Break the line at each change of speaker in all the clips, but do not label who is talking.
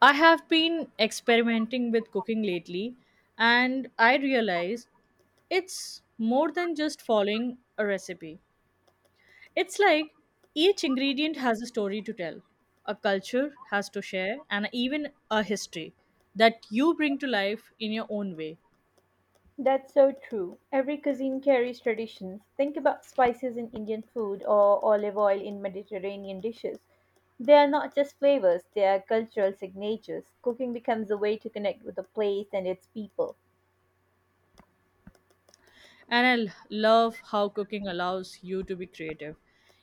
I have been experimenting with cooking lately, and I realize it's more than just following a recipe. It's like each ingredient has a story to tell, a culture has to share, and even a history that you bring to life in your own way.
That's so true. Every cuisine carries traditions. Think about spices in Indian food or olive oil in Mediterranean dishes. They are not just flavors, they are cultural signatures. Cooking becomes a way to connect with a place and its people.
And I love how cooking allows you to be creative.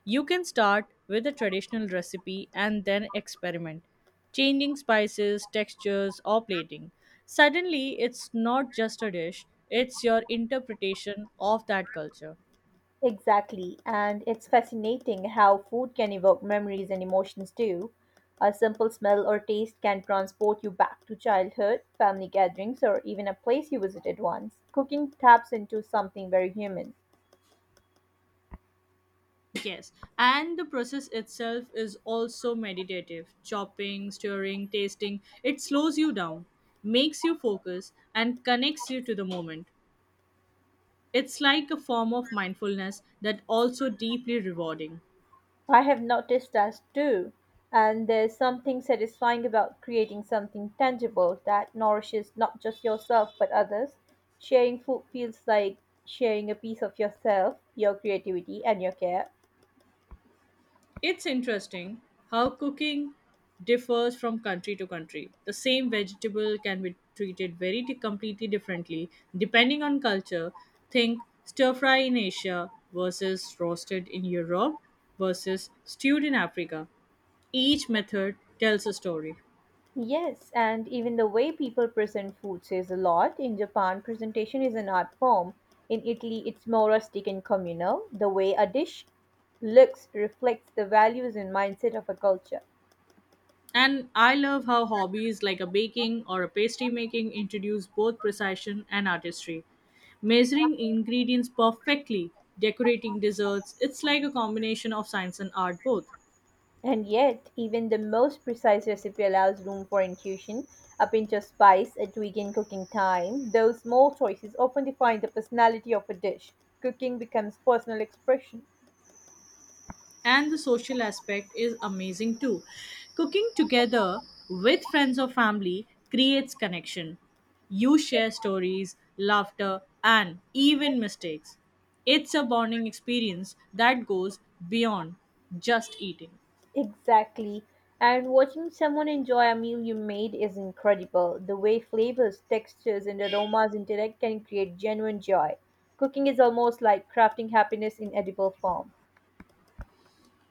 You can start with a traditional recipe and then experiment, changing spices, textures, or plating. Suddenly, it's not just a dish, it's your interpretation of that culture.
Exactly, and it's fascinating how food can evoke memories and emotions too. A simple smell or taste can transport you back to childhood, family gatherings, or even a place you visited once. Cooking taps into something very human.
Yes, and the process itself is also meditative. Chopping, stirring, tasting, it slows you down, makes you focus, and connects you to the moment. It's like a form of mindfulness that also deeply rewarding.
I have noticed that too. And there's something satisfying about creating something tangible that nourishes not just yourself but others. Sharing food feels like sharing a piece of yourself, your creativity, and your care.
It's interesting how cooking differs from country to country. The same vegetable can be treated completely differently depending on culture. Think stir fry in Asia versus roasted in Europe versus stewed in Africa. Each method tells a story.
Yes, and even the way people present food says a lot. In Japan, presentation is an art form. In Italy, it's more rustic and communal. The way a dish looks reflects the values and mindset of a culture.
And I love how hobbies like a baking or a pastry making introduce both precision and artistry. Measuring ingredients perfectly, decorating desserts, it's like a combination of science and art both.
And yet, even the most precise recipe allows room for intuition, a pinch of spice, a tweak in cooking time. Those small choices often define the personality of a dish. Cooking becomes personal expression.
And the social aspect is amazing too. Cooking together with friends or family creates connection. You share stories, laughter, and even mistakes. It's a bonding experience that goes beyond just eating.
Exactly. And watching someone enjoy a meal you made is incredible. The way flavors, textures, and aromas interact can create genuine joy. Cooking is almost like crafting happiness in edible form.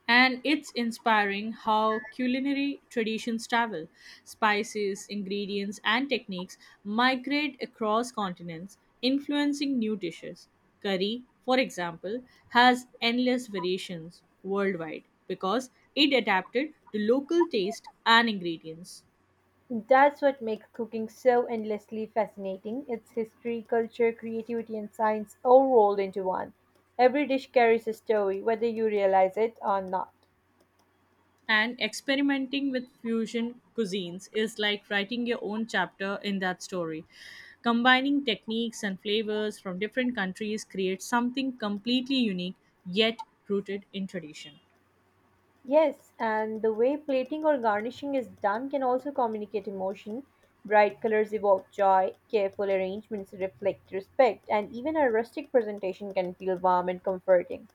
And it's inspiring how culinary traditions travel. Spices, ingredients, and techniques migrate across continents, influencing new dishes. Curry, for example, has endless variations worldwide because it adapted to local taste and ingredients.
That's what makes cooking so endlessly fascinating. It's history, culture, creativity, and science all rolled into one. Every dish carries a story, whether you realize it or not.
And experimenting with fusion cuisines is like writing your own chapter in that story. Combining techniques and flavors from different countries creates something completely unique yet rooted in tradition.
Yes, and the way plating or garnishing is done can also communicate emotion. Bright colors evoke joy, careful arrangements reflect respect, and even a rustic presentation can feel warm and comforting.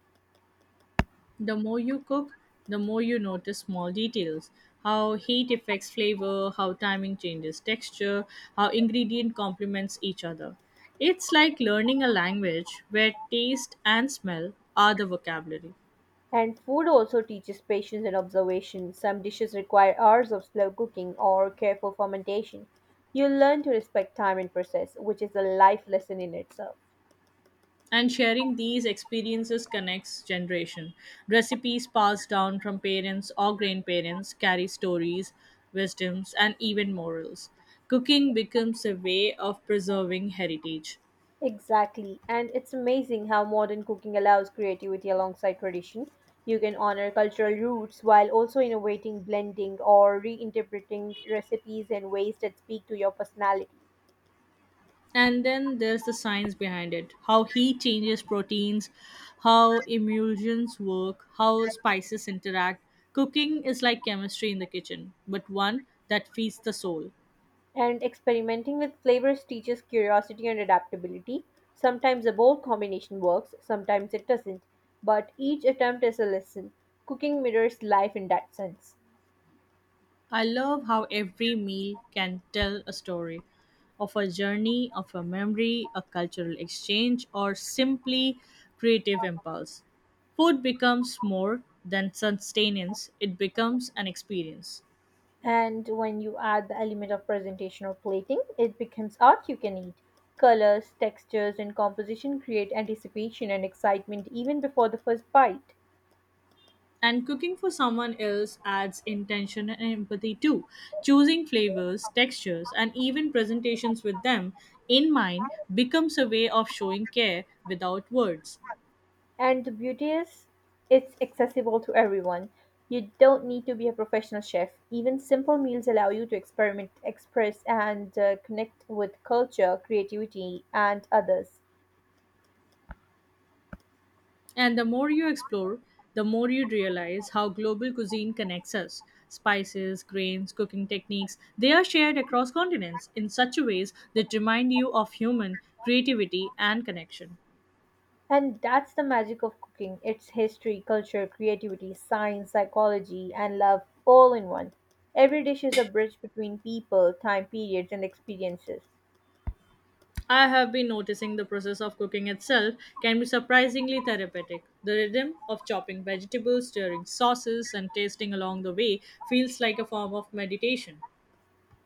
The more you cook, the more you notice small details how heat affects flavor, how timing changes texture, how ingredient complements each other. It's like learning a language where taste and smell are the vocabulary.
And food also teaches patience and observation. Some dishes require hours of slow cooking or careful fermentation. You learn to respect time and process, which is a life lesson in itself.
And sharing these experiences connects generation, recipes passed down from parents or grandparents carry stories, wisdoms, and even morals. Cooking becomes a way of preserving heritage.
Exactly, and it's amazing how modern cooking allows creativity alongside tradition. You can honor cultural roots while also innovating, blending, or reinterpreting recipes in ways that speak to your personality.
And then there's the science behind it, how heat changes proteins, how emulsions work, how spices interact. Cooking is like chemistry in the kitchen, but one that feeds the soul.
And experimenting with flavors teaches curiosity and adaptability. Sometimes a bold combination works, sometimes it doesn't, but each attempt is a lesson. Cooking mirrors life in that sense.
I love how every meal can tell a story of a journey, of a memory, a cultural exchange, or simply creative impulse. Food becomes more than sustenance, it becomes an experience.
And when you add the element of presentation or plating, it becomes art you can eat. Colors, textures, and composition create anticipation and excitement even before the first bite.
And cooking for someone else adds intention and empathy too. Choosing flavors, textures, and even presentations with them in mind becomes a way of showing care without words.
And the beauty is, it's accessible to everyone. You don't need to be a professional chef. Even simple meals allow you to experiment, express, and connect with culture, creativity, and others.
And the more you explore, the more you realize how global cuisine connects us. Spices, grains, cooking techniques, they are shared across continents in such ways that remind you of human creativity and connection.
And that's the magic of cooking it's history, culture, creativity, science, psychology, and love all in one. Every dish is a bridge between people, time periods, and experiences.
I have been noticing the process of cooking itself can be surprisingly therapeutic. The rhythm of chopping vegetables, stirring sauces, and tasting along the way feels like a form of meditation.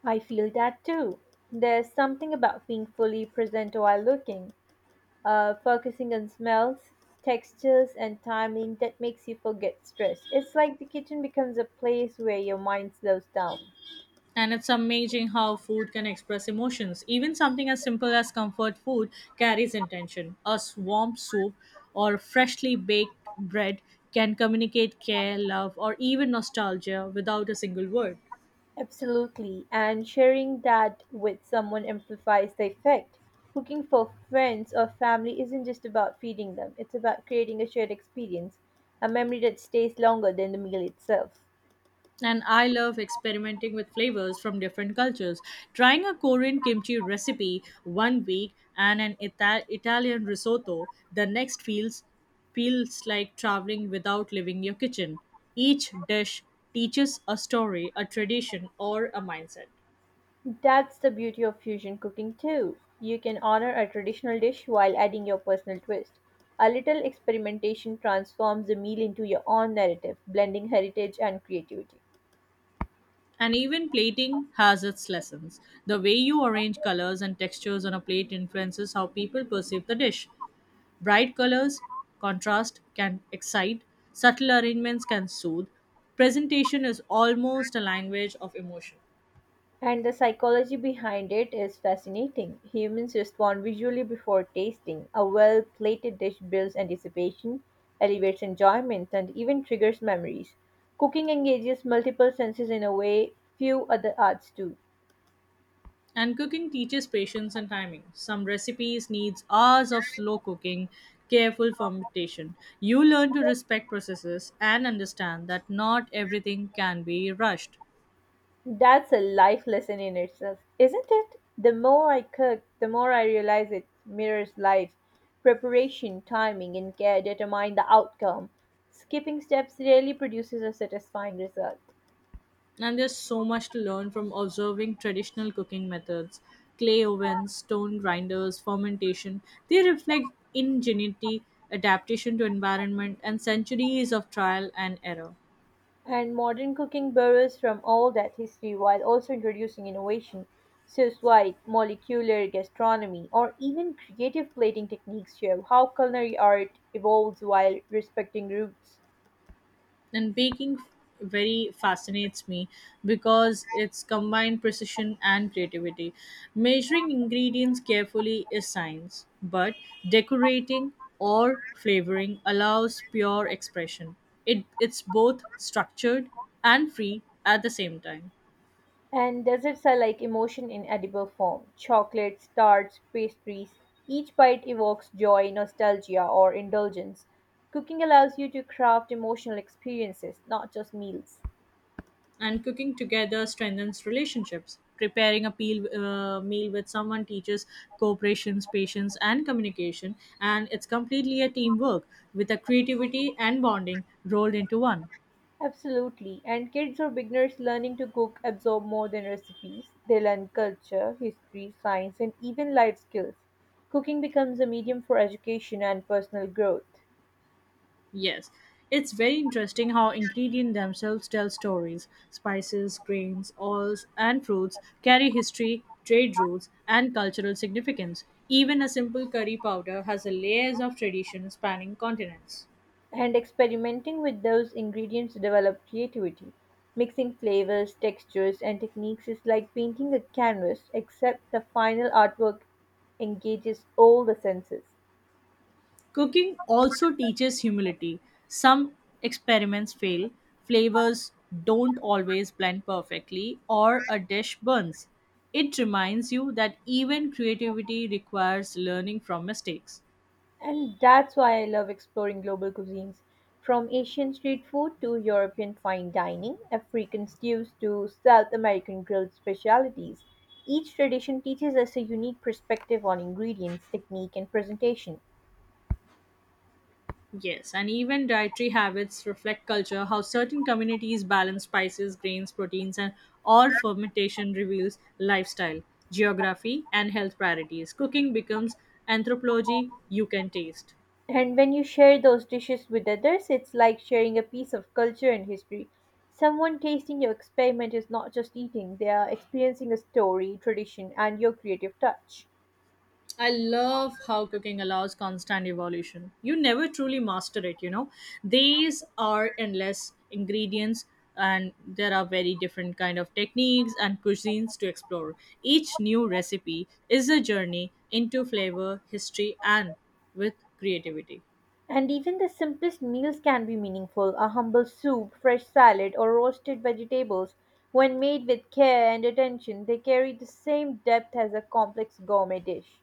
I feel that too. There's something about being fully present while looking. Focusing on smells, textures, and timing that makes you forget stress. It's like the kitchen becomes a place where your mind slows down.
And it's amazing how food can express emotions. Even something as simple as comfort food carries intention. A warm soup or freshly baked bread can communicate care, love, or even nostalgia without a single word.
Absolutely, and sharing that with someone amplifies the effect. Cooking for friends or family isn't just about feeding them, it's about creating a shared experience, a memory that stays longer than the meal itself.
And I love experimenting with flavors from different cultures. Trying a Korean kimchi recipe one week and an Italian risotto the next feels like traveling without leaving your kitchen. Each dish teaches a story, a tradition, or a mindset.
That's the beauty of fusion cooking, too. You can honor a traditional dish while adding your personal twist. A little experimentation transforms the meal into your own narrative, blending heritage and creativity.
And even plating has its lessons. The way you arrange colors and textures on a plate influences how people perceive the dish. Bright colors, contrast can excite, subtle arrangements can soothe. Presentation is almost a language of emotion.
And the psychology behind it is fascinating. Humans respond visually before tasting. A well plated dish builds anticipation, elevates enjoyment, and even triggers memories. Cooking engages multiple senses in a way few other arts do.
And cooking teaches patience and timing. Some recipes needs hours of slow cooking, careful fermentation. You learn to respect processes and understand that not everything can be rushed.
That's a life lesson in itself, isn't it? The more I cook, the more I realize it mirrors life. Preparation, timing, and care determine the outcome. Skipping steps rarely produces a satisfying result.
And there's so much to learn from observing traditional cooking methods, clay ovens, stone grinders, fermentation. They reflect ingenuity, adaptation to environment, and centuries of trial and error.
And modern cooking borrows from all that history while also introducing innovation. Sous vide, molecular gastronomy, or even creative plating techniques show how culinary art evolves while respecting roots.
And baking very fascinates me because it's combined precision and creativity. Measuring ingredients carefully is science, but decorating or flavoring allows pure expression. It's both structured and free at the same time.
And desserts are like emotion in edible form. Chocolates, tarts, pastries. Each bite evokes joy, nostalgia, or indulgence. Cooking allows you to craft emotional experiences, not just meals.
And cooking together strengthens relationships, preparing a meal with someone teaches cooperation, patience, and communication. And it's completely a teamwork with a creativity and bonding rolled into one.
Absolutely. And kids or beginners learning to cook absorb more than recipes. They learn culture, history, science, and even life skills. Cooking becomes a medium for education and personal growth.
Yes, it's very interesting how ingredients themselves tell stories, spices, grains, oils, and fruits carry history, trade routes, and cultural significance. Even a simple curry powder has a layers of tradition spanning continents.
And experimenting with those ingredients develop creativity. Mixing flavors, textures, and techniques is like painting a canvas, except the final artwork engages all the senses.
Cooking also teaches humility. Some experiments fail, flavors don't always blend perfectly, or a dish burns. It reminds you that even creativity requires learning from mistakes.
And that's why I love exploring global cuisines. From Asian street food to European fine dining, African stews to South American grilled specialties, each tradition teaches us a unique perspective on ingredients, technique, and presentation.
Yes, and even dietary habits reflect culture, how certain communities balance spices, grains, proteins, and all fermentation reveals lifestyle, geography, and health priorities. Cooking becomes anthropology you can taste.
And when you share those dishes with others, it's like sharing a piece of culture and history. Someone tasting your experiment is not just eating, they are experiencing a story, tradition, and your creative touch.
I love how cooking allows constant evolution. You never truly master it, you know. These are endless ingredients, and there are very different kind of techniques and cuisines to explore. Each new recipe is a journey into flavor, history, and with creativity.
And even the simplest meals can be meaningful a humble soup, fresh salad, or roasted vegetables. When made with care and attention, they carry the same depth as a complex gourmet dish.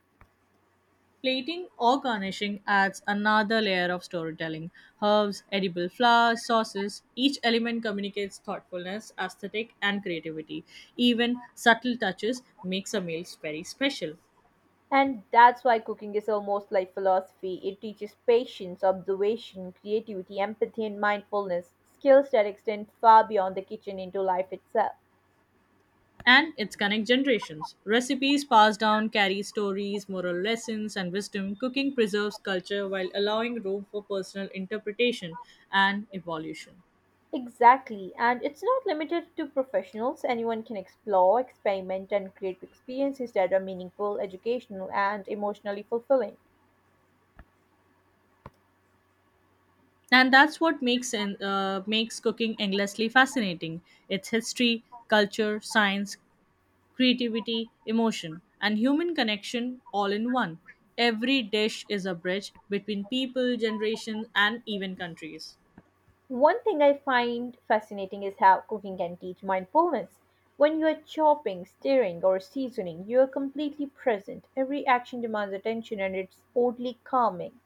Plating or garnishing adds another layer of storytelling. Herbs, edible flowers, sauces, each element communicates thoughtfulness, aesthetic, and creativity. Even subtle touches makes a meal very special.
And that's why cooking is almost like philosophy. It teaches patience, observation, creativity, empathy, and mindfulness, skills that extend far beyond the kitchen into life itself.
And it connects generations. Recipes passed down carry stories, moral lessons, and wisdom. Cooking preserves culture while allowing room for personal interpretation and evolution.
Exactly, and it's not limited to professionals. Anyone can explore, experiment, and create experiences that are meaningful, educational, and emotionally fulfilling.
And that's what makes cooking endlessly fascinating, its history, culture, science, creativity, emotion, and human connection all in one. Every dish is a bridge between people, generations, and even countries.
One thing I find fascinating is how cooking can teach mindfulness. When you are chopping, stirring, or seasoning, you are completely present. Every action demands attention and it's oddly calming.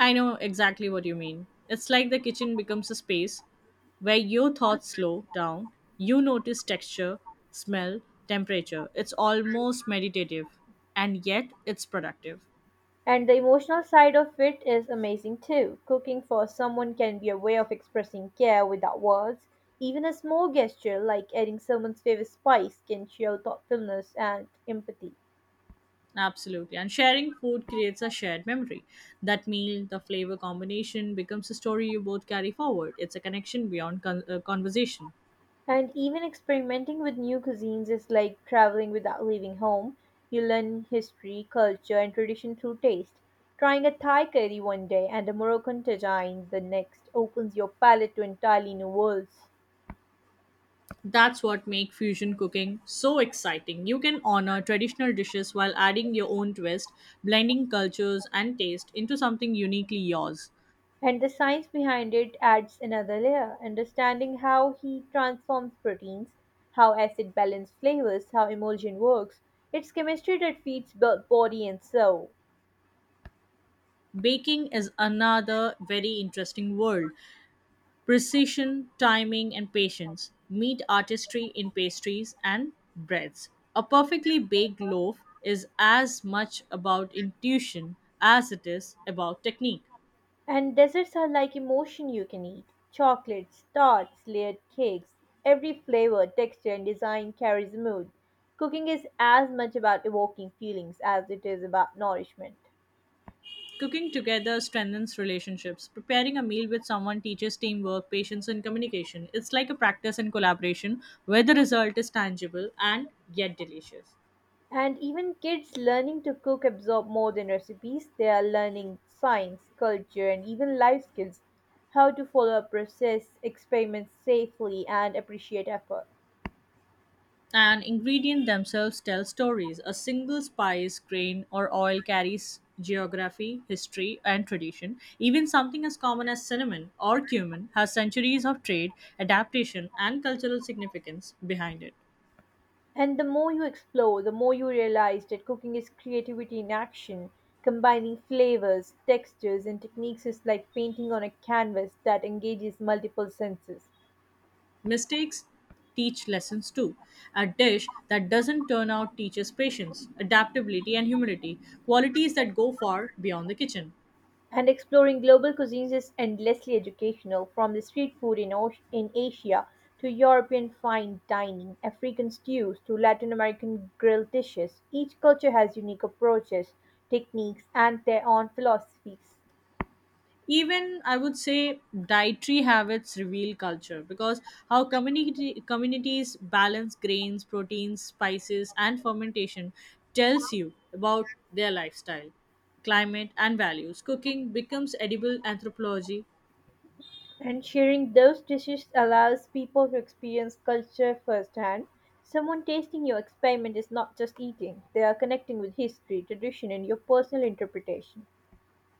I know exactly what you mean. It's like the kitchen becomes a space where your thoughts slow down, you notice texture, smell, temperature. It's almost meditative, and yet it's productive.
And the emotional side of it is amazing too. Cooking for someone can be a way of expressing care without words. Even a small gesture like adding someone's favorite spice can show thoughtfulness and empathy.
Absolutely. And sharing food creates a shared memory. That meal, the flavor combination becomes a story you both carry forward. It's a connection beyond conversation.
And even experimenting with new cuisines is like traveling without leaving home. You learn history, culture, and tradition through taste. Trying a Thai curry one day and a Moroccan tagine the next opens your palate to entirely new worlds.
That's what makes fusion cooking so exciting. You can honor traditional dishes while adding your own twist, blending cultures and taste into something uniquely yours.
And the science behind it adds another layer. Understanding how heat transforms proteins, how acid balance flavors, how emulsion works. It's chemistry that feeds body and soul.
Baking is another very interesting world. Precision, timing, and patience meet artistry in pastries and breads. A perfectly baked loaf is as much about intuition as it is about technique.
And desserts are like emotion you can eat. Chocolates, tarts, layered cakes. Every flavor, texture, and design carries a mood. Cooking is as much about evoking feelings as it is about nourishment.
Cooking together strengthens relationships. Preparing a meal with someone teaches teamwork, patience, and communication. It's like a practice and collaboration where the result is tangible and yet delicious.
And even kids learning to cook absorb more than recipes. They are learning science, culture, and even life skills how to follow a process, experiment safely, and appreciate effort.
And ingredients themselves tell stories. A single spice, grain, or oil carries geography, history, and tradition. Even something as common as cinnamon or cumin has centuries of trade, adaptation, and cultural significance behind it.
And the more you explore, the more you realize that cooking is creativity in action. Combining flavors, textures, and techniques is like painting on a canvas that engages multiple senses.
Mistakes teach lessons too. A dish that doesn't turn out teaches patience, adaptability, and humility, qualities that go far beyond the kitchen.
And exploring global cuisines is endlessly educational, from the street food in Asia to European fine dining, African stews to Latin American grilled dishes. Each culture has unique approaches, techniques, and their own philosophies.
Even I would say dietary habits reveal culture, because how community communities balance grains, proteins, spices, and fermentation tells you about their lifestyle, climate, and values. Cooking becomes edible anthropology.
And sharing those dishes allows people to experience culture firsthand. Someone tasting your experiment is not just eating, they are connecting with history, tradition, and your personal interpretation.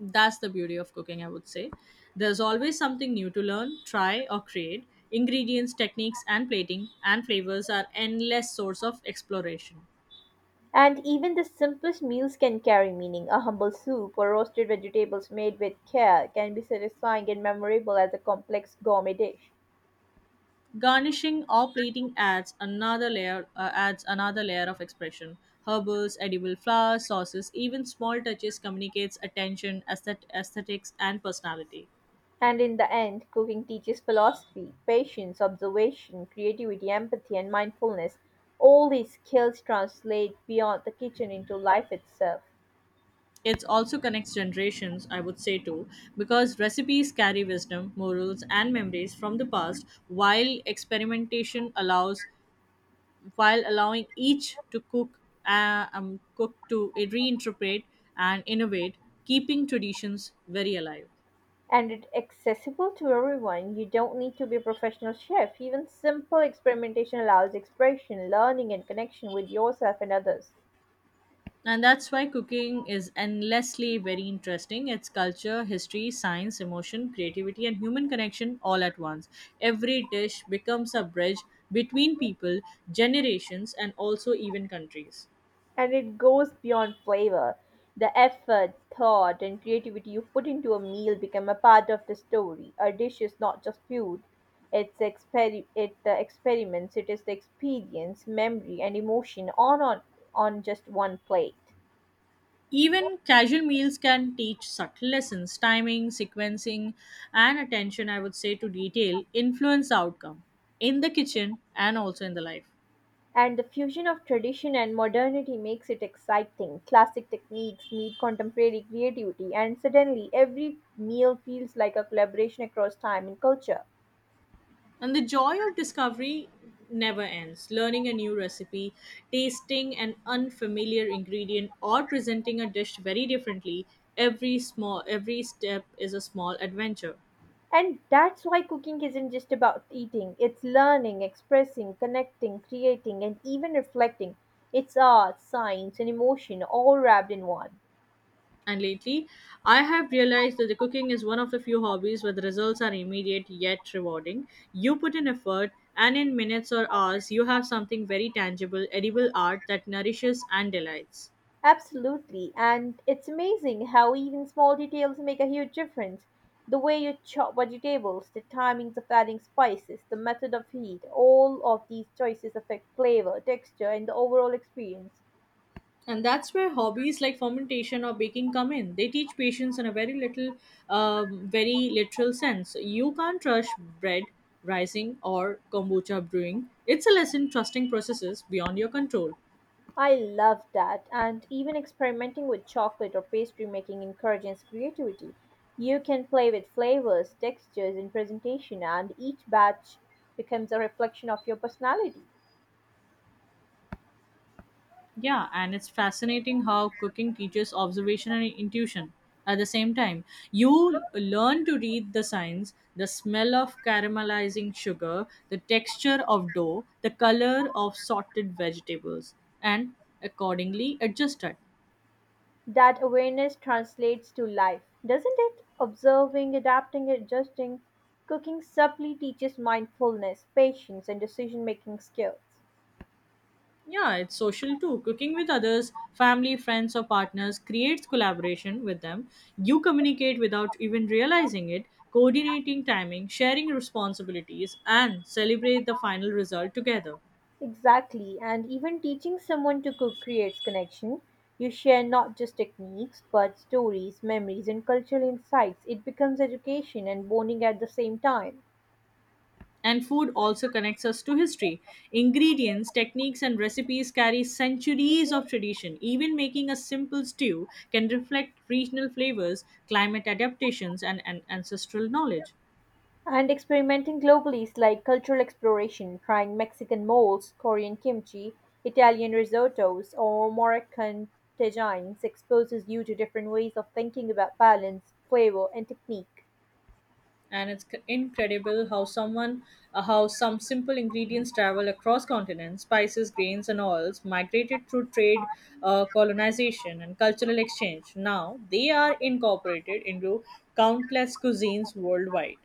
That's the beauty of cooking, I would say, there's always something new to learn, try, or create. Ingredients, techniques, and plating, and flavors are endless source of exploration.
And even the simplest meals can carry meaning. A humble soup or roasted vegetables made with care can be satisfying and memorable as a complex gourmet dish.
Garnishing or plating adds another layer of expression. Herbals, edible flowers, sauces, even small touches communicates attention, aesthetics, and personality.
And in the end, cooking teaches philosophy, patience, observation, creativity, empathy, and mindfulness. All these skills translate beyond the kitchen into life itself.
It also connects generations, I would say too, because recipes carry wisdom, morals, and memories from the past, while experimentation allows while allowing each to cook cook to reinterpret and innovate, keeping traditions very alive.
And it's accessible to everyone. You don't need to be a professional chef. Even simple experimentation allows expression, learning, and connection with yourself and others.
And that's why cooking is endlessly very interesting. It's culture, history, science, emotion, creativity, and human connection all at once. Every dish becomes a bridge between people, generations, and also even countries.
And it goes beyond flavor. The effort, thought, and creativity you put into a meal become a part of the story. A dish is not just food, the experiments, it is the experience, memory, and emotion all on just one plate.
Even casual meals can teach subtle lessons, timing, sequencing, and attention, I would say, to detail influence the outcome in the kitchen and also in the life.
And the fusion of tradition and modernity makes it exciting. Classic techniques meet contemporary creativity, and suddenly every meal feels like a collaboration across time and culture.
And the joy of discovery never ends. Learning a new recipe, tasting an unfamiliar ingredient, or presenting a dish very differently, every step is a small adventure.
And that's why cooking isn't just about eating, it's learning, expressing, connecting, creating, and even reflecting. It's art, science, and emotion all wrapped in one.
And lately, I have realized that the cooking is one of the few hobbies where the results are immediate yet rewarding. You put in effort, and in minutes or hours, you have something very tangible, edible art that nourishes and delights.
Absolutely, and it's amazing how even small details make a huge difference. The way you chop vegetables, the timings of adding spices, the method of heat, all of these choices affect flavor, texture, and the overall experience.
And that's where hobbies like fermentation or baking come in, they teach patience in a very literal sense. You can't rush bread rising or kombucha brewing. It's a lesson trusting processes beyond your control.
I love that. And even experimenting with chocolate or pastry making encourages creativity. You can play with flavors, textures, and presentation, and each batch becomes a reflection of your personality.
Yeah, and it's fascinating how cooking teaches observation and intuition at the same time. You learn to read the signs, the smell of caramelizing sugar, the texture of dough, the color of sorted vegetables, and accordingly adjust it.
That awareness translates to life, doesn't it? Observing, adapting, adjusting. Cooking subtly teaches mindfulness, patience, and decision making skills.
Yeah, it's social too. Cooking with others, family, friends, or partners creates collaboration with them. You communicate without even realizing it, coordinating timing, sharing responsibilities, and celebrate the final result together.
Exactly, and even teaching someone to cook creates connection. You share not just techniques, but stories, memories, and cultural insights. It becomes education and bonding at the same time.
And food also connects us to history. Ingredients, techniques, and recipes carry centuries of tradition. Even making a simple stew can reflect regional flavors, climate adaptations, and ancestral knowledge.
And experimenting globally is like cultural exploration, trying Mexican moles, Korean kimchi, Italian risottos, or Moroccan tagines exposes you to different ways of thinking about balance, flavor, and technique.
And it's c- incredible how someone how some simple ingredients travel across continents, spices, grains, and oils migrated through trade, colonization, and cultural exchange. Now they are incorporated into countless cuisines worldwide.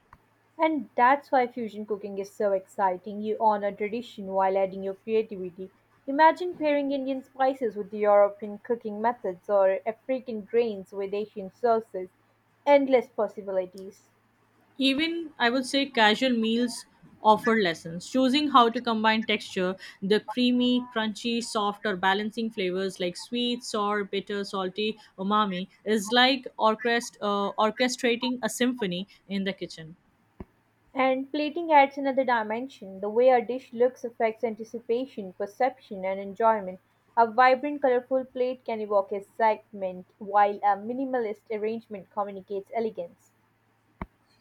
And that's why fusion cooking is so exciting. You honor tradition while adding your creativity. Imagine pairing Indian spices with European cooking methods or African grains with Asian sauces. Endless possibilities.
Even I would say casual meals offer lessons. Choosing how to combine texture, the creamy, crunchy, soft, or balancing flavors like sweet, sour, bitter, salty, umami is like orchestrating a symphony in the kitchen.
And plating adds another dimension. The way a dish looks affects anticipation, perception, and enjoyment. A vibrant, colorful plate can evoke excitement, while a minimalist arrangement communicates elegance.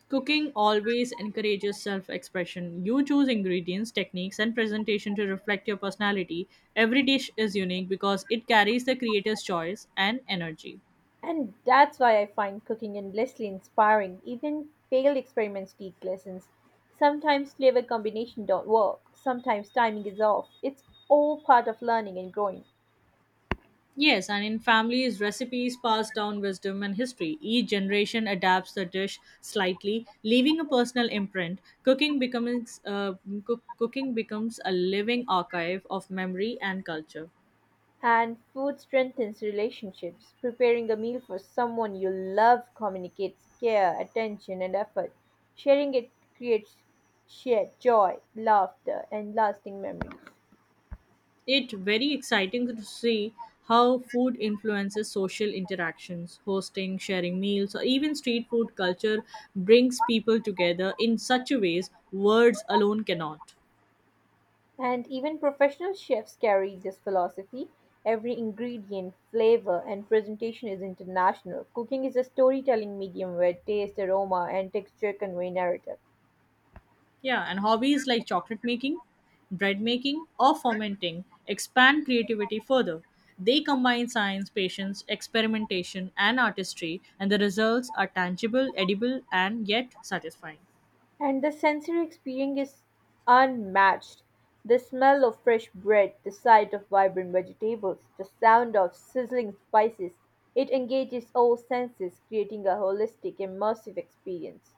Cooking always encourages self expression. You choose ingredients, techniques, and presentation to reflect your personality. Every dish is unique because it carries the creator's choice and energy.
And that's why I find cooking endlessly inspiring. Even failed experiments teach lessons. Sometimes flavor combination don't work. Sometimes timing is off. It's all part of learning and growing.
Yes, and in families, recipes pass down wisdom and history. Each generation adapts the dish slightly, leaving a personal imprint. Cooking becomes cooking becomes a living archive of memory and culture.
And food strengthens relationships. Preparing a meal for someone you love communicates care, attention, and effort. Sharing it creates shared joy, laughter, and lasting memories.
It very exciting to see how food influences social interactions, hosting, sharing meals, or even street food culture brings people together in such a ways words alone cannot.
And even professional chefs carry this philosophy. Every ingredient, flavor, and presentation is international. Cooking is a storytelling medium where taste, aroma, and texture convey narrative.
Yeah, and hobbies like chocolate making, bread making, or fermenting expand creativity further. They combine science, patience, experimentation, and artistry, and the results are tangible, edible, and yet satisfying.
And the sensory experience is unmatched. The smell of fresh bread, the sight of vibrant vegetables, the sound of sizzling spices, it engages all senses, creating a holistic, immersive experience.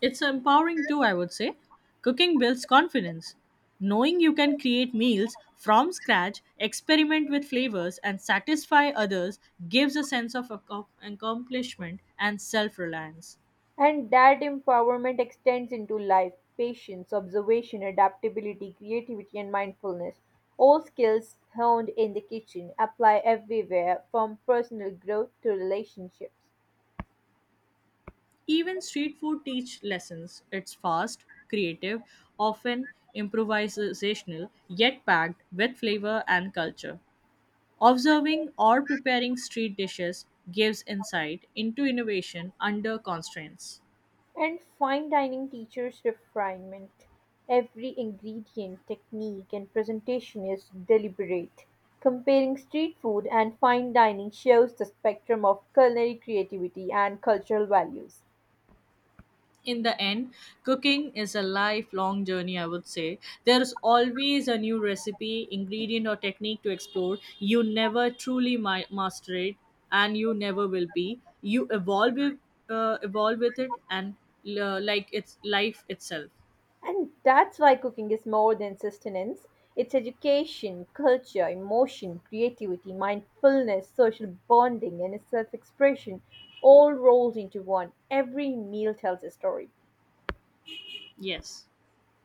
It's empowering too, I would say. Cooking builds confidence. Knowing you can create meals from scratch, experiment with flavors, and satisfy others gives a sense of accomplishment and self reliance.
And that empowerment extends into life patience, observation, adaptability, creativity, and mindfulness. All skills honed in the kitchen apply everywhere from personal growth to relationships.
Even street food teach lessons. It's fast, creative, often improvisational, yet packed with flavor and culture. Observing or preparing street dishes gives insight into innovation under constraints.
And fine dining teaches refinement. Every ingredient, technique, and presentation is deliberate. Comparing street food and fine dining shows the spectrum of culinary creativity and cultural values.
In the end, cooking is a lifelong journey, I would say. There's always a new recipe, ingredient, or technique to explore. You never truly master it, and you never will be. You evolve, evolve with it, and like it's life itself.
And that's why cooking is more than sustenance. It's education, culture, emotion, creativity, mindfulness, social bonding, and self expression all rolled into one. Every meal tells a story.
Yes.